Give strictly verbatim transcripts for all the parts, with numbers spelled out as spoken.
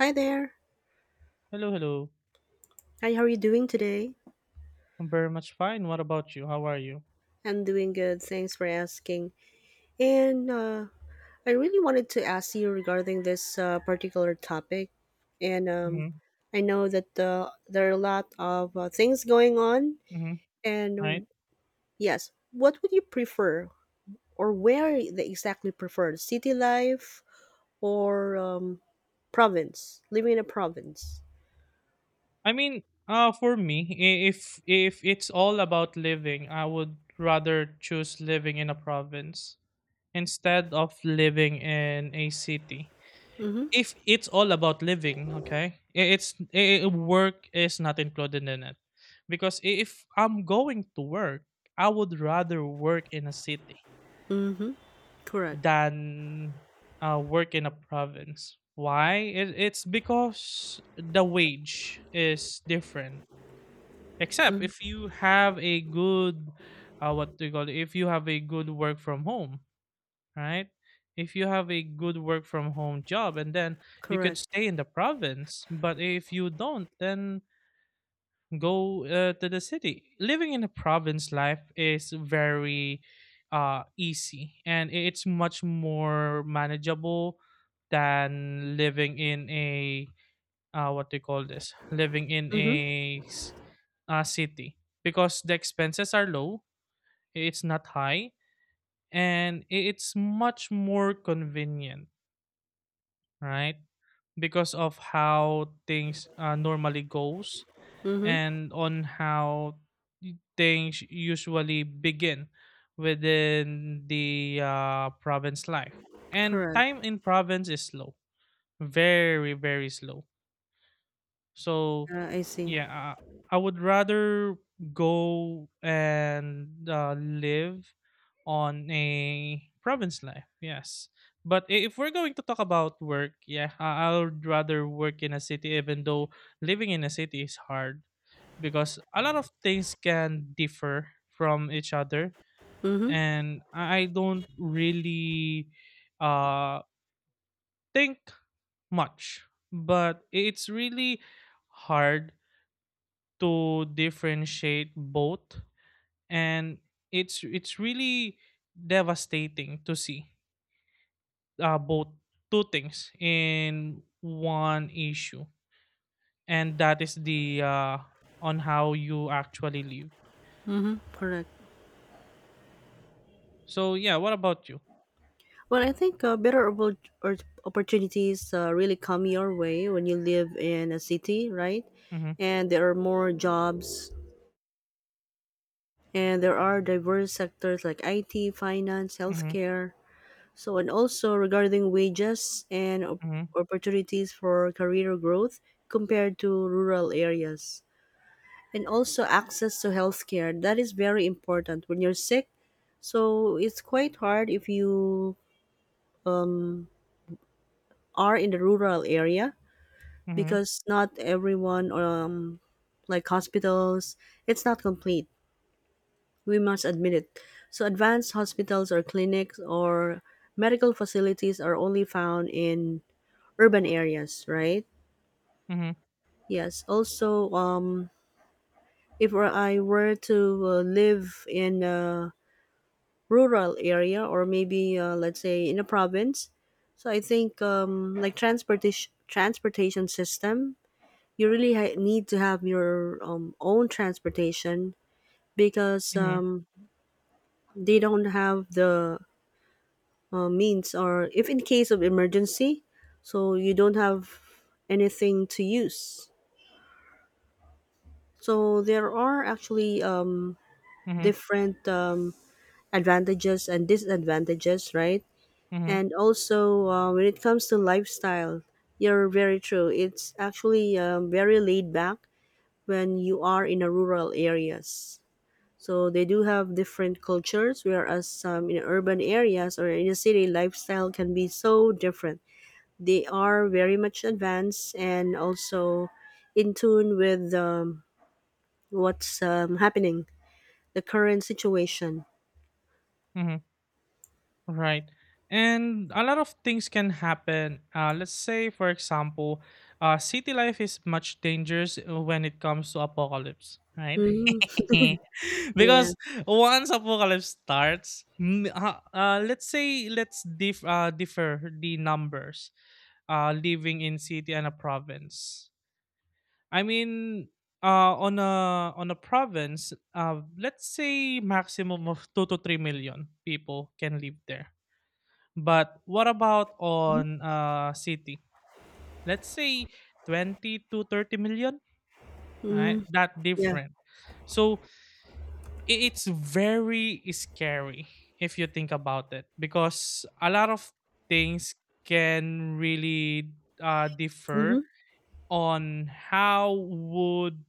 Hi there. Hello, hello. Hi, how are you doing today? I'm very much fine. What about you? How are you? I'm doing good. Thanks for asking. And uh, I really wanted to ask you regarding this uh, particular topic. And um, Mm-hmm. I know that uh, there are a lot of uh, things going on. Mm-hmm. Right. And yes, what would you prefer, or where they exactly prefer, city life or um, province, living in a province? I mean, uh, for me, i- if if it's all about living, I would rather choose living in a province instead of living in a city. Mm-hmm. If it's all about living, okay, i- it's i i- work is not included in it, because i- if I'm going to work, I would rather work in a city Mm-hmm. Correct. than uh, work in a province. Why? It, it's because the wage is different. Except if Mm-hmm. you have a good, uh, what do you call it? If you have a good work from home, right? If you have a good work from home job, and then you could Correct. stay in the province. But if you don't, then go uh, to the city. Living in a province life is very uh, easy and i- it's much more manageable than living in a uh, what do you call this? Living in Mm-hmm. a s- uh, city because the expenses are low, it's not high, and i- it's much more convenient, right? Because of how things uh, normally goes Mm-hmm. and on how things usually begin within the uh, province life. And Correct. time in province is slow, very, very slow. So, Uh, I see. yeah, uh, I would rather go and uh, live on a province life, yes. But i- if we're going to talk about work, yeah, I I would rather work in a city, even though living in a city is hard because a lot of things can differ from each other Mm-hmm. and I don't really uh think much but it's really hard to differentiate both and it's it's really devastating to see uh, both two things in one issue and that is the uh on how you actually live. Mm-hmm. Correct. So yeah, what about you? Well, I think uh, better oppor- or- opportunities uh, really come your way when you live in a city, right? Mm-hmm. And there are more jobs, and there are diverse sectors like I T, finance, Mm-hmm. healthcare. So, and also regarding wages and op- Mhm, opportunities for career growth compared to rural areas. And also access to healthcare. That is very important when you're sick. So, it's quite hard if you um. are in the rural area mhm, because not everyone um like hospitals, it's not complete, we must admit it. So advanced hospitals or clinics or medical facilities are only found in urban areas, right? mhm, Yes, also, um if were- I were to uh, live in a rural area, or maybe uh, let's say in a province, so I think um like transportation transportation system, you really ha- need to have your um, own transportation, because mhm, um, they don't have the uh, means, or if in case of emergency, so you don't have anything to use. So there are actually, um, mhm, different, um, advantages and disadvantages, right? mhm, And also, uh, when it comes to lifestyle, you're very true, it's actually, um, very laid back when you are in a rural areas. So they do have different cultures, whereas some in urban areas or in a city, lifestyle can be so different. They are very much advanced, and also in tune with um, what's um, happening, the current situation. mhm, right. And a lot of things can happen. Uh, let's say, for example, uh, city life is much dangerous uh, when it comes to apocalypse, right? Hmm. Yeah. Because once apocalypse starts, m- uh, uh, let's say let's dif- uh, differ the numbers uh, living in city and a province. I mean, uh, on a on a province, uh, let's say maximum of two to three million people can live there. But what about on a city? Let's say twenty to thirty million. Right, Mm, that yeah. different. So i- it's very scary if you think about it because a lot of things can really uh, Mm-hmm. differ on how would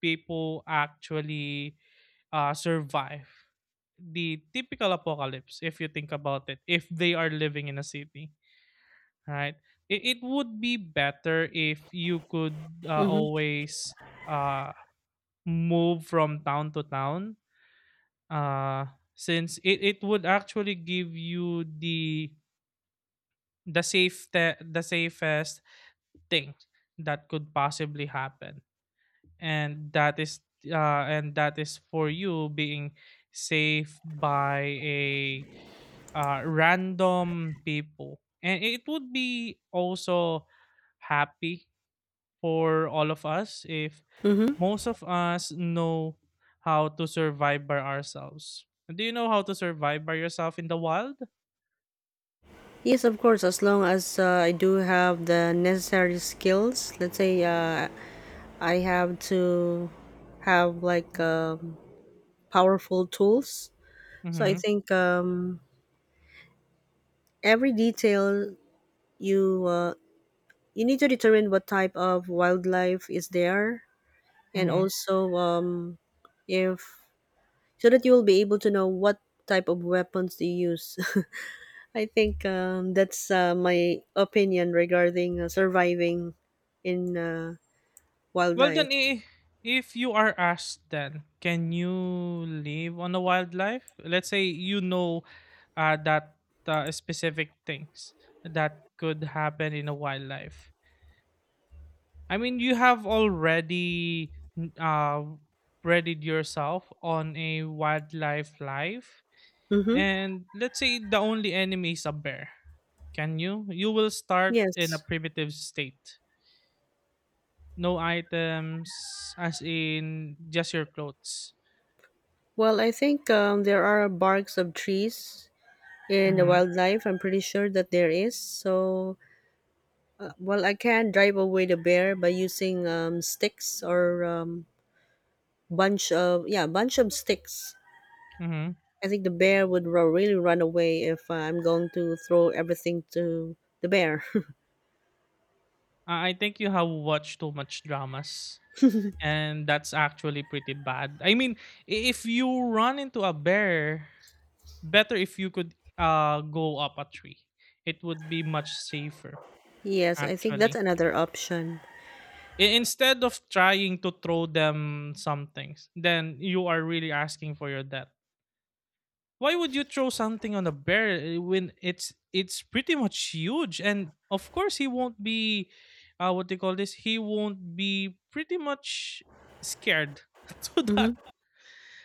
people actually uh, survive the typical apocalypse if you think about it if they are living in a city, right? It, it would be better if you could uh, Mm-hmm. always uh, move from town to town, uh, since it, it would actually give you the the safe the safest thing that could possibly happen, and that is uh, and that is for you being saved by a uh, random people, and it would be also happy for all of us if Mm-hmm. most of us know how to survive by ourselves. Do you know how to survive by yourself in the wild? Yes, of course. As long as uh, I do have the necessary skills, let's say uh, I have to have like um, powerful tools. So I Mm-hmm, think, um, every detail, you uh, you need to determine what type of wildlife is there, and mm-hmm. also um, if so that you will be able to know what type of weapons to use. I think um, that's uh, my opinion regarding uh, surviving in uh, Well, wildlife. then, i- if you are asked, then can you live on the wildlife? Let's say you know uh, that uh, specific things that could happen in a wildlife. I mean, you have already n- uh, readied yourself on a wildlife life, Mm-hmm. and let's say the only enemy is a bear. Can you? You will start in a Yes. primitive state. No items as in just your clothes. Well, I think um, there are barks of trees in the Mhm, wildlife. I'm pretty sure that there is. So, well, I can drive away the bear by using um, sticks or um, bunch of yeah, bunch of sticks. mhm. I think the bear would ru- really run away if I'm going to throw everything to the bear. Ah, I think you have watched too much dramas, and that's actually pretty bad. I mean, i- if you run into a bear, better if you could uh go up a tree. It would be much safer Yes, I think that's actually. another option. I- Instead of trying to throw them some things, then you are really asking for your death. Why would you throw something on a bear uh, when it's it's pretty much huge, and of course he won't be uh what they call this he won't be pretty much scared to that. Hmm.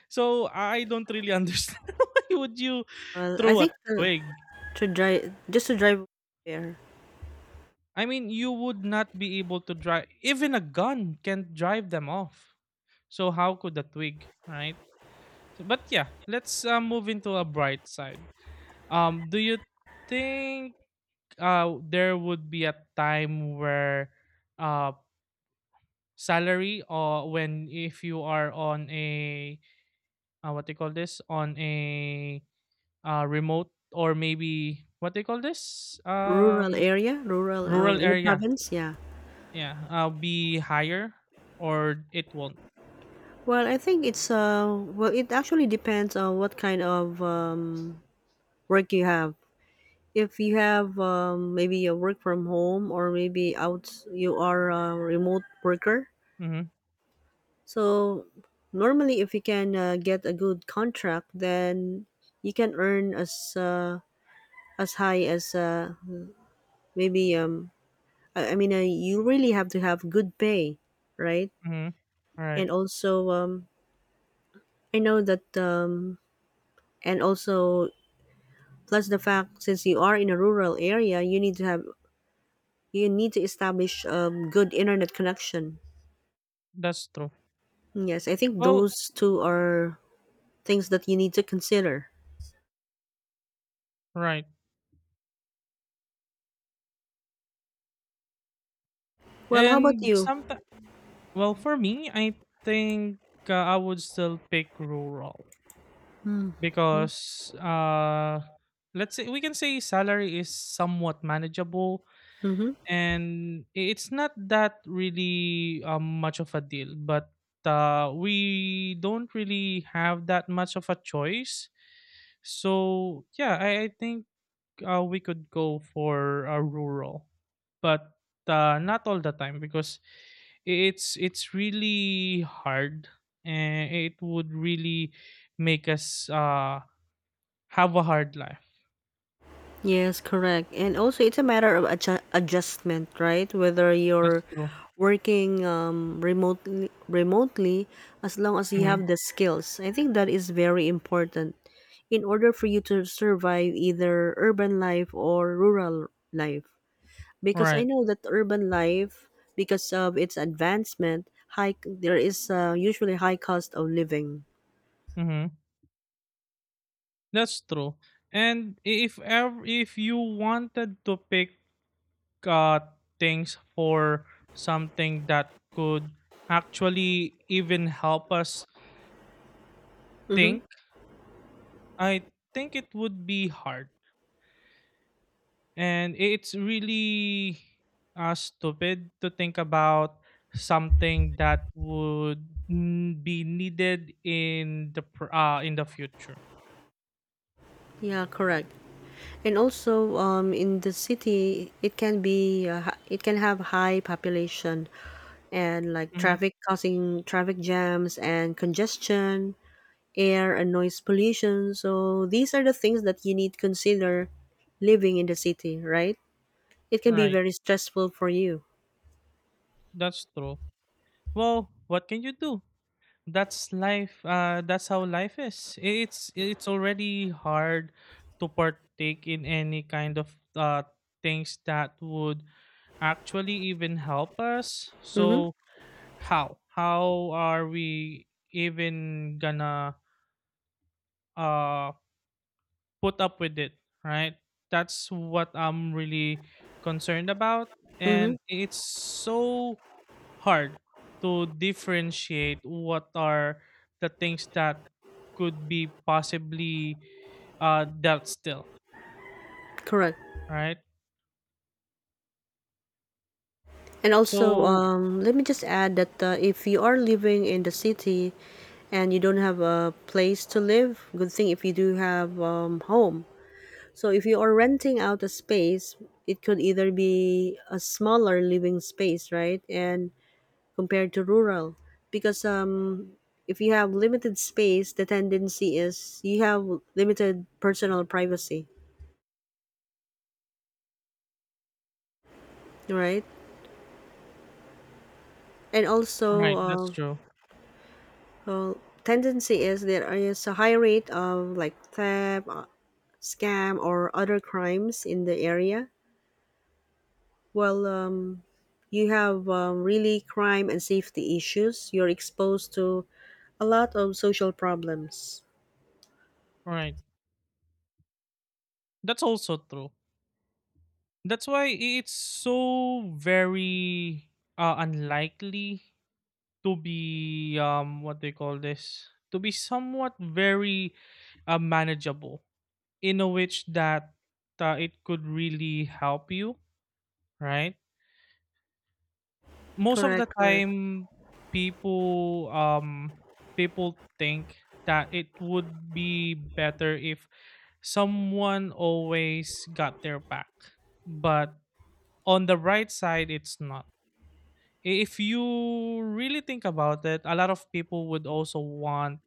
So I don't really understand why would you Well, I throw a think uh, twig. to drive just to drive away bear. I mean, you would not be able to drive, even a gun can't drive them off, so how could a twig, right? So, but yeah, let's uh, move into a bright side. Um do you think uh there would be a time where uh salary, or when if you are on a uh, what do you call this, on a uh remote or maybe what do you call this, Rural um area, rural, um, rural in the area, province. Yeah. yeah, uh be higher or it won't? Well, I think it's uh well it actually depends on what kind of um, work you have. If you have, um, maybe a work from home, or maybe out, you are a remote worker. Mm-hmm, So normally, if you can uh, get a good contract, then you can earn as uh, as high as uh, maybe um i, I mean uh, you really have to have good pay, right? mm-hmm. All right. And also, um, I know that, um, and also plus the fact, since you are in a rural area, you need to have, you need to establish, um, good internet connection. That's true. Yes, I think Well, those two are things that you need to consider. right. Well, how about And you? sometimes, well, for me, I think uh, I would still pick rural Mm-hmm. because uh let's say we can say salary is somewhat manageable and i- it's not that really um, much of a deal, but uh, we don't really have that much of a choice. So yeah, i, I think uh, we could go for a rural, but uh, not all the time because i- it's it's really hard and it would really make us uh have a hard life. Yes, correct. And also, it's a matter of adju- adjustment, right? Whether That's you're true. working um, remotely, remotely, as long as you Mhm. have the skills, I think that is very important in order for you to survive either urban life or rural life. Because Right. I know that urban life, because of its advancement, high there is uh, usually high cost of living. Mhm. That's true. And i- if ever, if you wanted to pick uh things for something that could actually even help us Mm-hmm. think, I think it would be hard. And it's really uh stupid to think about something that would mm, be needed in the pr- uh in the future. Yeah, correct. And also, um, in the city, it can be uh, hi- it can have high population, and like Mhm. traffic causing traffic jams and congestion, air and noise pollution. So these are the things that you need to consider living in the city, right? It can be Right. very stressful for you. That's true. Well, what can you do? That's life. Uh, that's how life is. It's it's already hard to partake in any kind of uh things that would actually even help us. Mm-hmm. So how how are we even gonna uh put up with it, right? That's what I'm really concerned about, Mm-hmm. and it's so hard to differentiate what are the things that could be possibly uh dealt still, Correct. right? And also, So um, let me just add that uh, if you are living in the city and you don't have a place to live, good thing if you do have, um, home. So if you are renting out a space, it could either be a smaller living space, right? And compared to rural, because, um, if you have limited space, the tendency is you have limited personal privacy, right? And also, right, that's uh, true, well, tendency is there is a high rate of like theft, uh, scam, or other crimes in the area. Well, um, you have, um, really crime and safety issues. You're exposed to a lot of social problems. right, that's also true. That's why it's so very uh, unlikely to be um what they call this to be somewhat very uh, manageable in a which that uh, it could really help you, right? Most of the Correct, correct. time people um people think that it would be better if someone always got their back, but on the right side it's not. If you really think about it, a lot of people would also want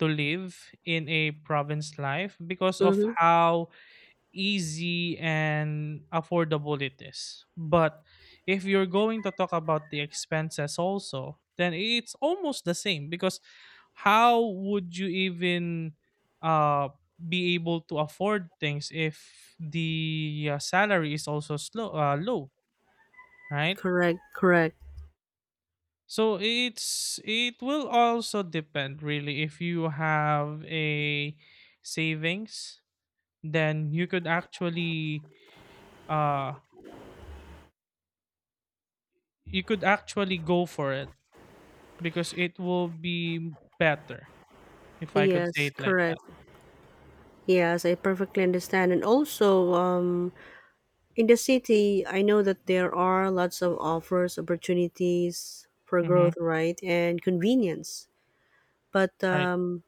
to live in a province life because of Mm-hmm. how easy and affordable it is. But if you're going to talk about the expenses also, then it's almost the same, because how would you even uh, be able to afford things if the uh, salary is also slow, uh, low, right? Correct, correct. So it's it will also depend really if you have a savings, then you could actually uh you could actually go for it, because it will be better, if I could say Yes, it like that. correct. Yes, I perfectly understand. And also, um, in the city, I know that there are lots of offers, opportunities for Mm-hmm. growth, right? And convenience. But Right. um,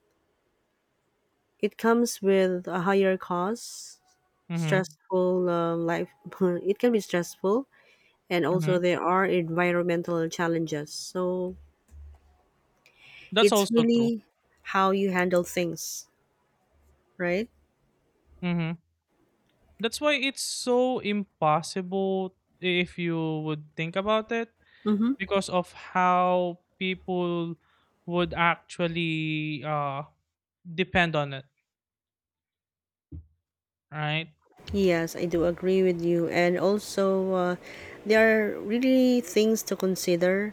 it comes with a higher cost, Mm-hmm. stressful um, life. It can be stressful, and Mm-hmm. also there are environmental challenges. So That's it's also true. really how you handle things, right? Mm-hmm. That's why it's so impossible if you would think about it Mm-hmm. because of how people would actually uh, depend on it. Right. Yes, I do agree with you. And also, uh, there are really things to consider,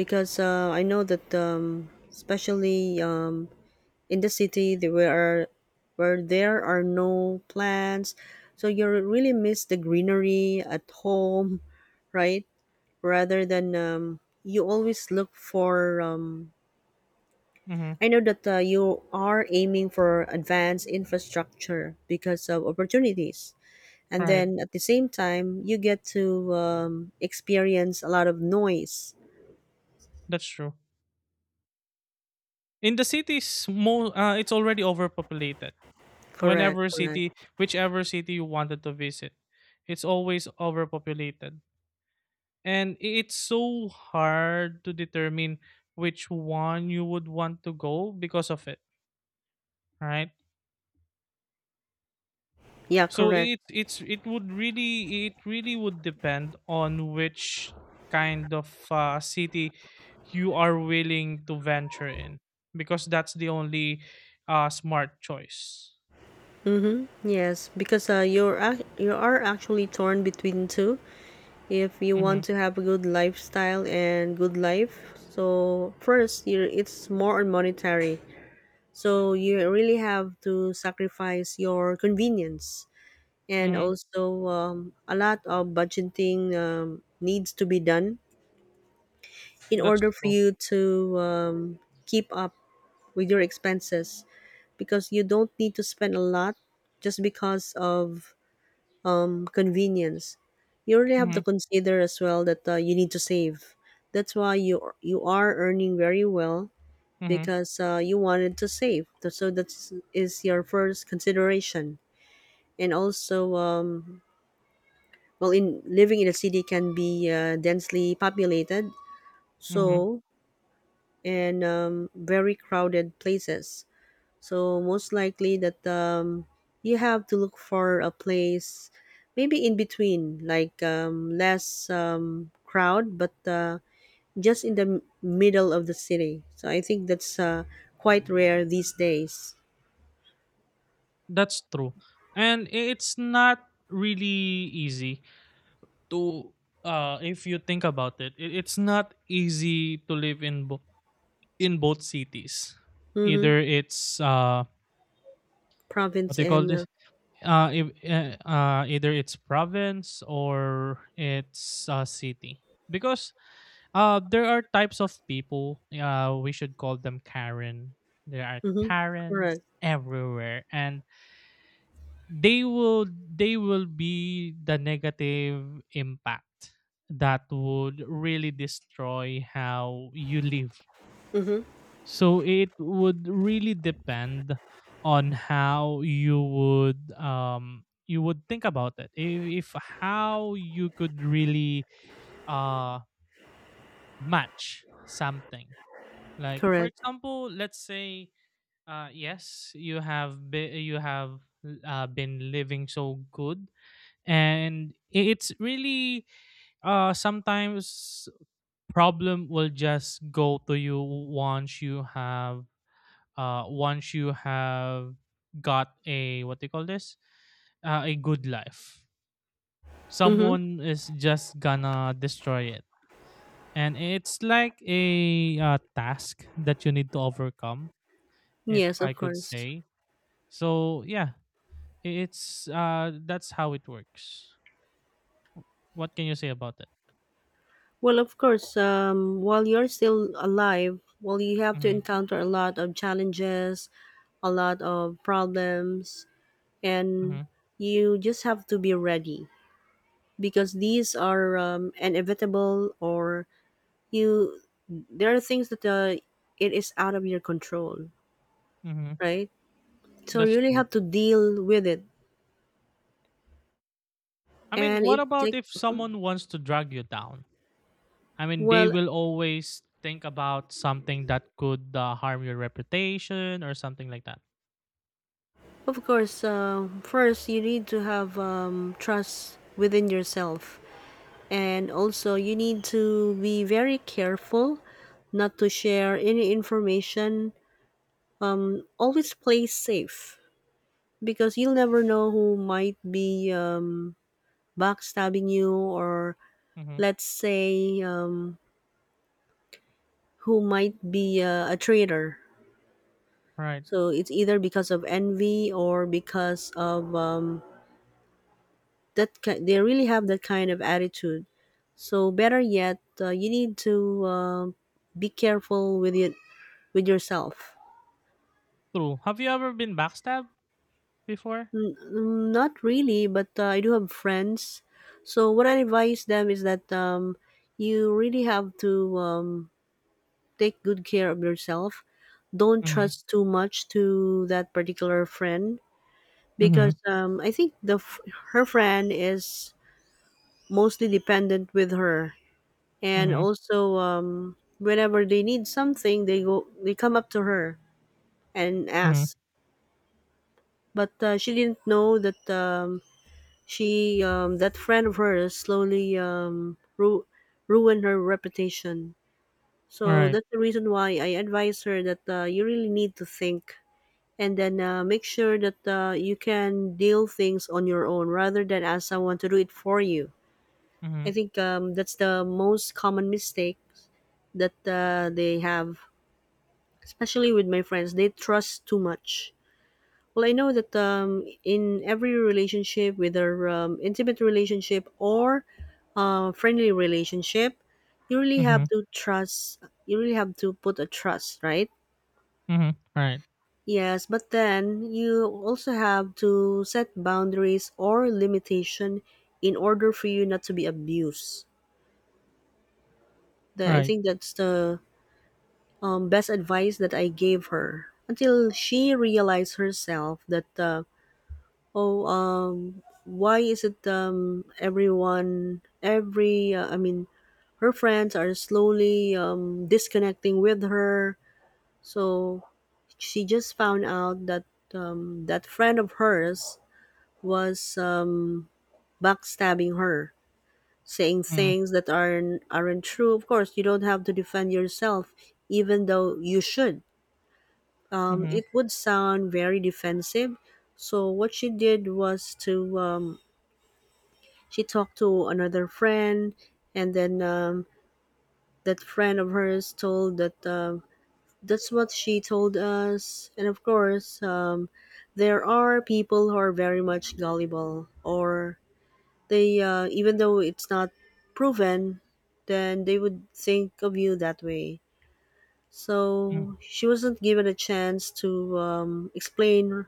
because uh, I know that, um, especially um, in the city, there were where there are no plants, so you really miss the greenery at home. Right, rather than, um, you always look for, um, Mm-hmm. I know that uh, you are aiming for advanced infrastructure because of opportunities, and Right. then at the same time, you get to, um, experience a lot of noise. That's true. In the cities, mo- uh, it's already overpopulated. Correct, Whenever correct. city whichever city you wanted to visit, it's always overpopulated, and i- it's so hard to determine which one you would want to go because of it, right? Yeah, So correct. it it's it would really, it really would depend on which kind of uh, city you are willing to venture in, because that's the only uh smart choice. Mm-hmm. Yes, because uh, you're ac- you are actually torn between two. If you Mm-hmm, want to have a good lifestyle and good life, so first you, it's more on monetary. So you really have to sacrifice your convenience, and mm-hmm. also um, a lot of budgeting um, needs to be done in That's order for true. you to, um, keep up with your expenses, because you don't need to spend a lot just because of, um, convenience. You really have to Mm-hmm, consider as well that uh, you need to save. That's why you you are earning very well, mm-hmm, because uh, you wanted to save. Th- So that is your first consideration. And also, um, well, in living in a city can be uh, densely populated, mm-hmm. so and um, very crowded places. So most likely that, um, you have to look for a place maybe in between, like um, less um, crowd, but uh, just in the m- middle of the city. So I think that's uh, quite rare these days. That's true. And i- it's not really easy to uh if you think about it, i- it's not easy to live in bo- in both cities. Mm-hmm. Either it's uh what Province they call and uh, this uh, if, uh, uh either it's province or it's uh, city, because uh there are types of people, uh we should call them Karen. There are mm-hmm. Karens Correct. everywhere and they will, they will be the negative impact that would really destroy how you live. Mm-hmm. So it would really depend on how you would um you would think about it, if, if how you could really uh match something. Like for Correct. example, let's say uh yes, you have be- you have uh, been living so good, and i- it's really uh sometimes problem will just go to you once you have uh once you have got a what do you call this, uh, a good life, Mm-hmm. someone is just gonna destroy it, and it's like a uh, task that you need to overcome, if Yes, I of could course. say. So yeah, i- it's uh that's how it works. What can you say about it? Well, of course, um, while you're still alive, well, you have to Mm-hmm, encounter a lot of challenges, a lot of problems, and mm-hmm, you just have to be ready, because these are um, inevitable, or you, there are things that uh, it is out of your control, mm-hmm. right? So you That's really true. have to deal with it. I mean, And what it about take, if someone wants to drag you down? I mean, they well, will always think about something that could uh, harm your reputation or something like that. of course uh, first you need to have, um, trust within yourself, and also you need to be very careful not to share any information. Um, always play safe, because you'll never know who might be, um, backstabbing you, or Mm-hmm. let's say um, who might be uh, a traitor. Right. So it's either because of envy, or because of, um, that ki- they really have that kind of attitude. So better yet uh, you need to uh, be careful with it, with yourself. True. Have you ever been backstabbed before? N- n- not really, but uh, I do have friends. So what I advise them is that, um, you really have to, um, take good care of yourself. Don't Mm-hmm. trust too much to that particular friend, Mm-hmm. because um, I think the f- her friend is mostly dependent with her, and Mm-hmm. also um, whenever they need something, they go they come up to her and Mm-hmm. ask. But uh, she didn't know that, um, she um, that friend of hers slowly, um, ru- ruined her reputation. So Right. that's the reason why I advise her that uh, you really need to think, and then uh, make sure that uh, you can deal things on your own rather than ask someone to do it for you. Mm-hmm. I think um, that's the most common mistake that uh, they have, especially with my friends, they trust too much. Well, I know that, um, in every relationship, whether um, intimate relationship or uh, friendly relationship, you really Mm-hmm. have to trust, you really have to put a trust, right? Mm-hmm. Right. Yes, but then you also have to set boundaries or limitation in order for you not to be abused. The, I Right. think that's the um, best advice that I gave her until she realized herself that uh, oh, um why is it um everyone, every uh, I mean, her friends are slowly um, disconnecting with her. So she just found out that um, that friend of hers was um, backstabbing her, saying Mm-hmm. things that aren't aren't true. Of course, you don't have to defend yourself, even though you should. Um, Mm-hmm. It would sound very defensive. So what she did was to um, she talked to another friend, and then um, that friend of hers told that um that's what she told us. And of course, um, there are people who are very much gullible, or they, uh, even though it's not proven, then they would think of you that way. Mm. So she wasn't given a chance to um, explain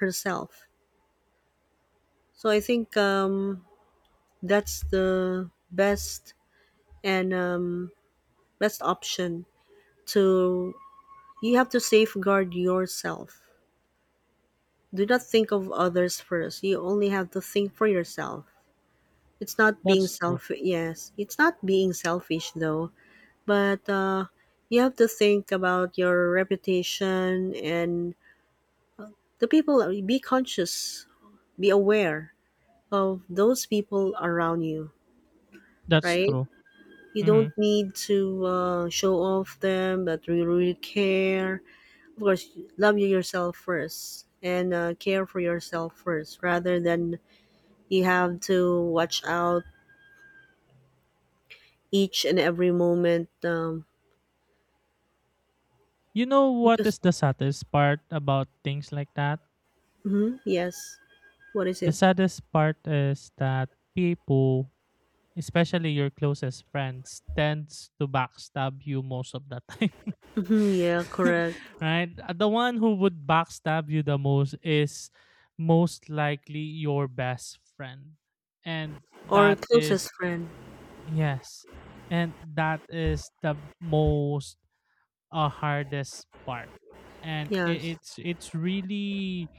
herself. So I think um, that's the best, and um, best option to, you have to safeguard yourself. Do not think of others first, you only have to think for yourself. It's not being That's true. selfish, yes, it's not being selfish though, but uh, you have to think about your reputation and the people. Be conscious, be aware of those people around you, That's right? true. You Mm-hmm. don't need to uh, show off them that you really care. Of course, love you yourself first and uh, care for yourself first rather than, you have to watch out each and every moment. um, You know what Because is the saddest part about things like that? Mhm, yes, what is The it? saddest part is that people, especially your closest friends, tends to backstab you most of the time. Mhm, yeah, correct. Right. Uh, the one who would backstab you the most is most likely your best friend, and Or that is closest friend. yes, and that is the most uh, hardest part, and i- Yes, it's it's really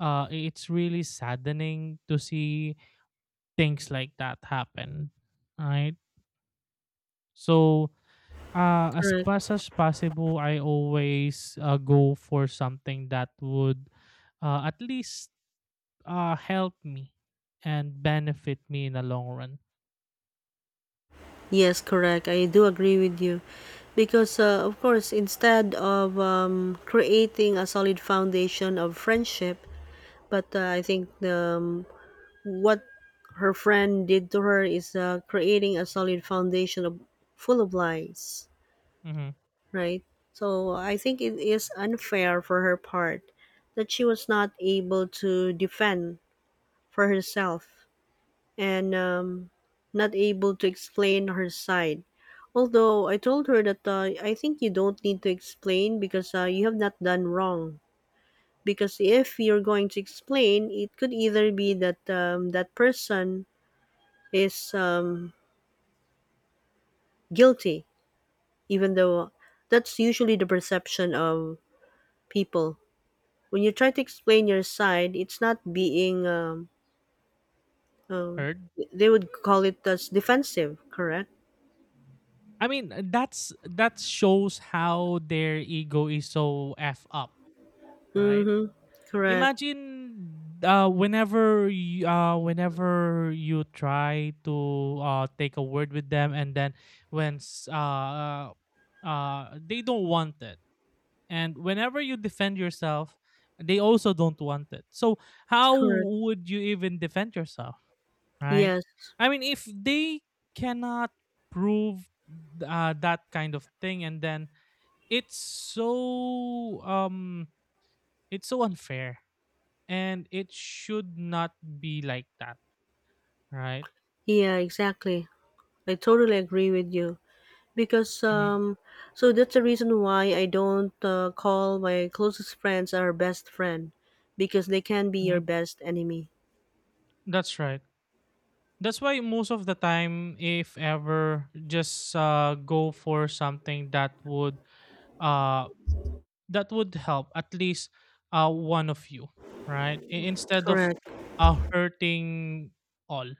uh it's really saddening to see things like that happen, right? So uh as correct. fast as possible, I always uh, go for something that would uh, at least uh help me and benefit me in the long run. Yes, correct. I do agree with you. Because, uh, of course, instead of um, creating a solid foundation of friendship, but uh, I think the, um, what her friend did to her is, uh, creating a solid foundation of, full of lies, Hmm. right? So I think it is unfair for her part that she was not able to defend for herself, and um, not able to explain her side. Although I told her that uh, I think you don't need to explain because uh, you have not done wrong. Because if you're going to explain, it could either be that um, that person is um, guilty, even though that's usually the perception of people. When you try to explain your side, it's not being, um, um, Heard. they would call it as defensive, correct? I mean, uh, that's that shows how their ego is so f up, right? Mm-hmm. Correct. Imagine uh whenever you, uh whenever you try to uh take a word with them, and then when s- uh uh they don't want it. And whenever you defend yourself, they also don't want it. So how Correct. would you even defend yourself, right? Yes. I mean, if they cannot prove uh, that kind of thing, and then it's so um, it's so unfair, and it should not be like that, right? Yeah, exactly. I totally agree with you because Hmm. um so that's the reason why I don't uh, call my closest friends our best friend, because they can be Hmm. your best enemy. That's right. That's why most of the time, if ever, just uh, go for something that would uh that would help at least uh, one of you, right? I- instead of Correct. uh, hurting all.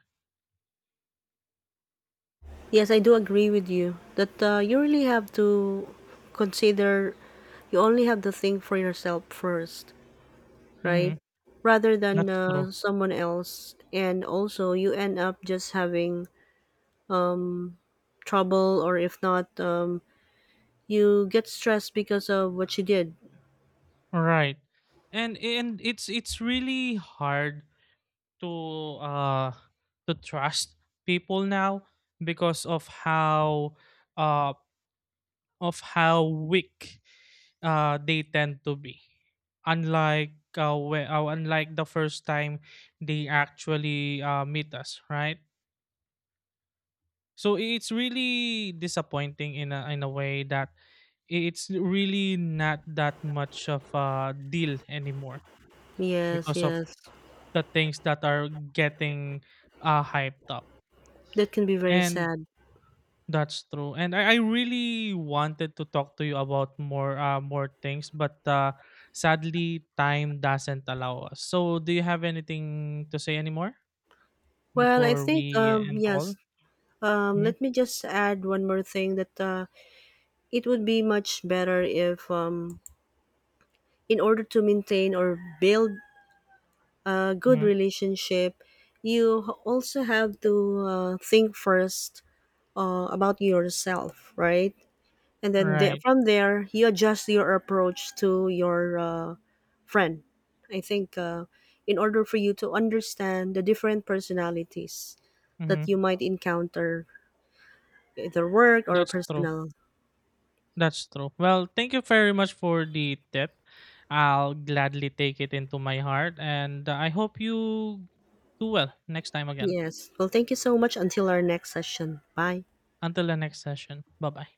Yes, I do agree with you that uh, you really have to consider, you only have to think for yourself first, Hmm. right? Rather than That's true. uh, someone else, and also you end up just having trouble, or if not um you get stressed because of what you did. Right. And and it's it's really hard to uh to trust people now because of how uh of how weak uh they tend to be. Unlike uh, we, uh, unlike the first time they actually uh, meet us, right? So it's really disappointing in a in a way that it's really not that much of a deal anymore Yes, because of yes. the things that are getting uh, hyped up. That can be very And sad. that's true. And I, I really wanted to talk to you about more uh, more things, but uh, sadly time doesn't allow us. So do you have anything to say anymore Well, I before think we um end the call? yes. Um Mm-hmm. Let me just add one more thing that uh it would be much better if um in order to maintain or build a good Mm-hmm. relationship, you h- also have to uh, think first uh, about yourself, right? And then the Right. from there you adjust your approach to your, uh, friend. I think uh, in order for you to understand the different personalities that you Mm-hmm. might encounter, either work or That's true. personal. That's true. Well, thank you very much for the tip. I'll gladly take it into my heart, and uh, I hope you do well next time again. Yes, well, thank you so much, until our next session, bye. Until the next session. Bye bye.